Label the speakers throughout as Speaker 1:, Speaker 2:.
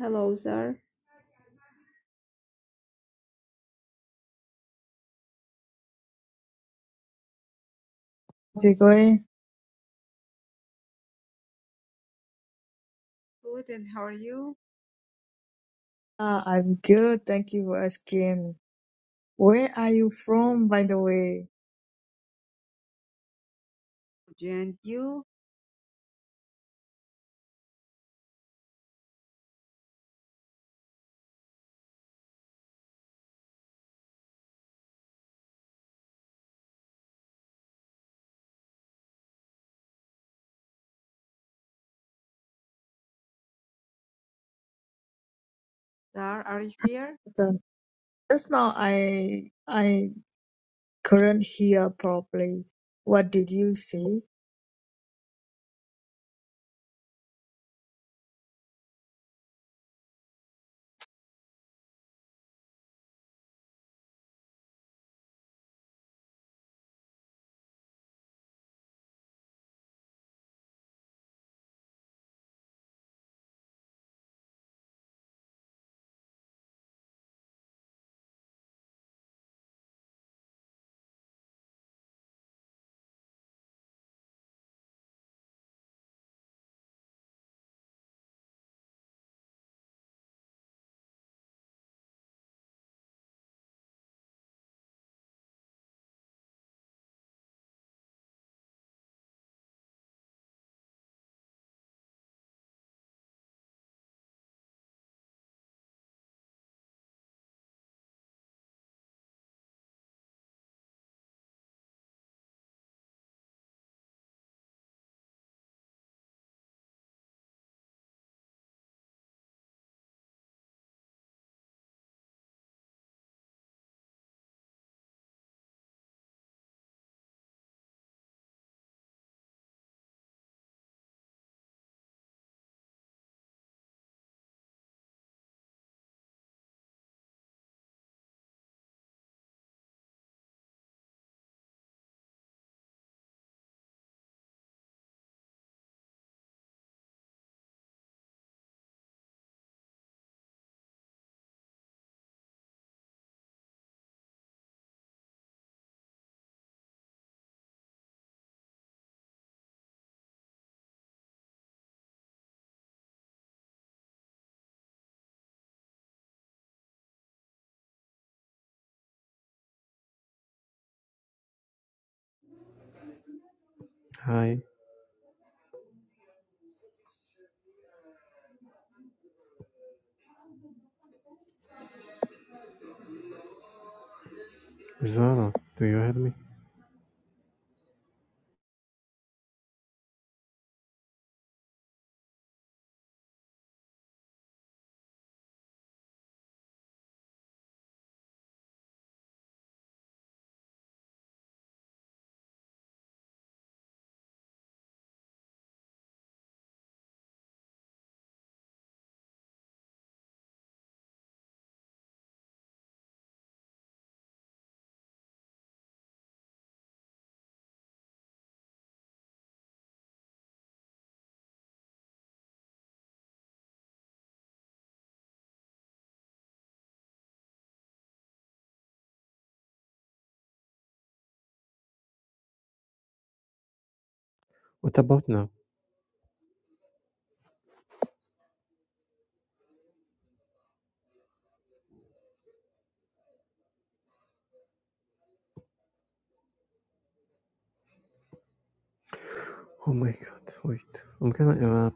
Speaker 1: Hello, sir.
Speaker 2: How's it going?
Speaker 1: Good, and how are you?
Speaker 2: Ah, I'm good. Thank you for asking. Where are you from, by the way?
Speaker 1: Good, And you, Dar, are you here?
Speaker 2: The- Just now, I I couldn't hear properly. What did you say?
Speaker 3: Hi, Zara, do you hear me? What about now? Oh my god, wait. I'm gonna uh,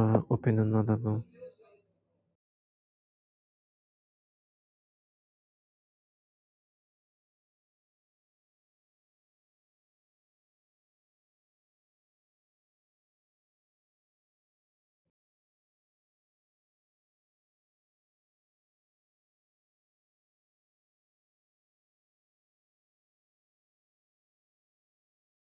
Speaker 3: uh, open another one.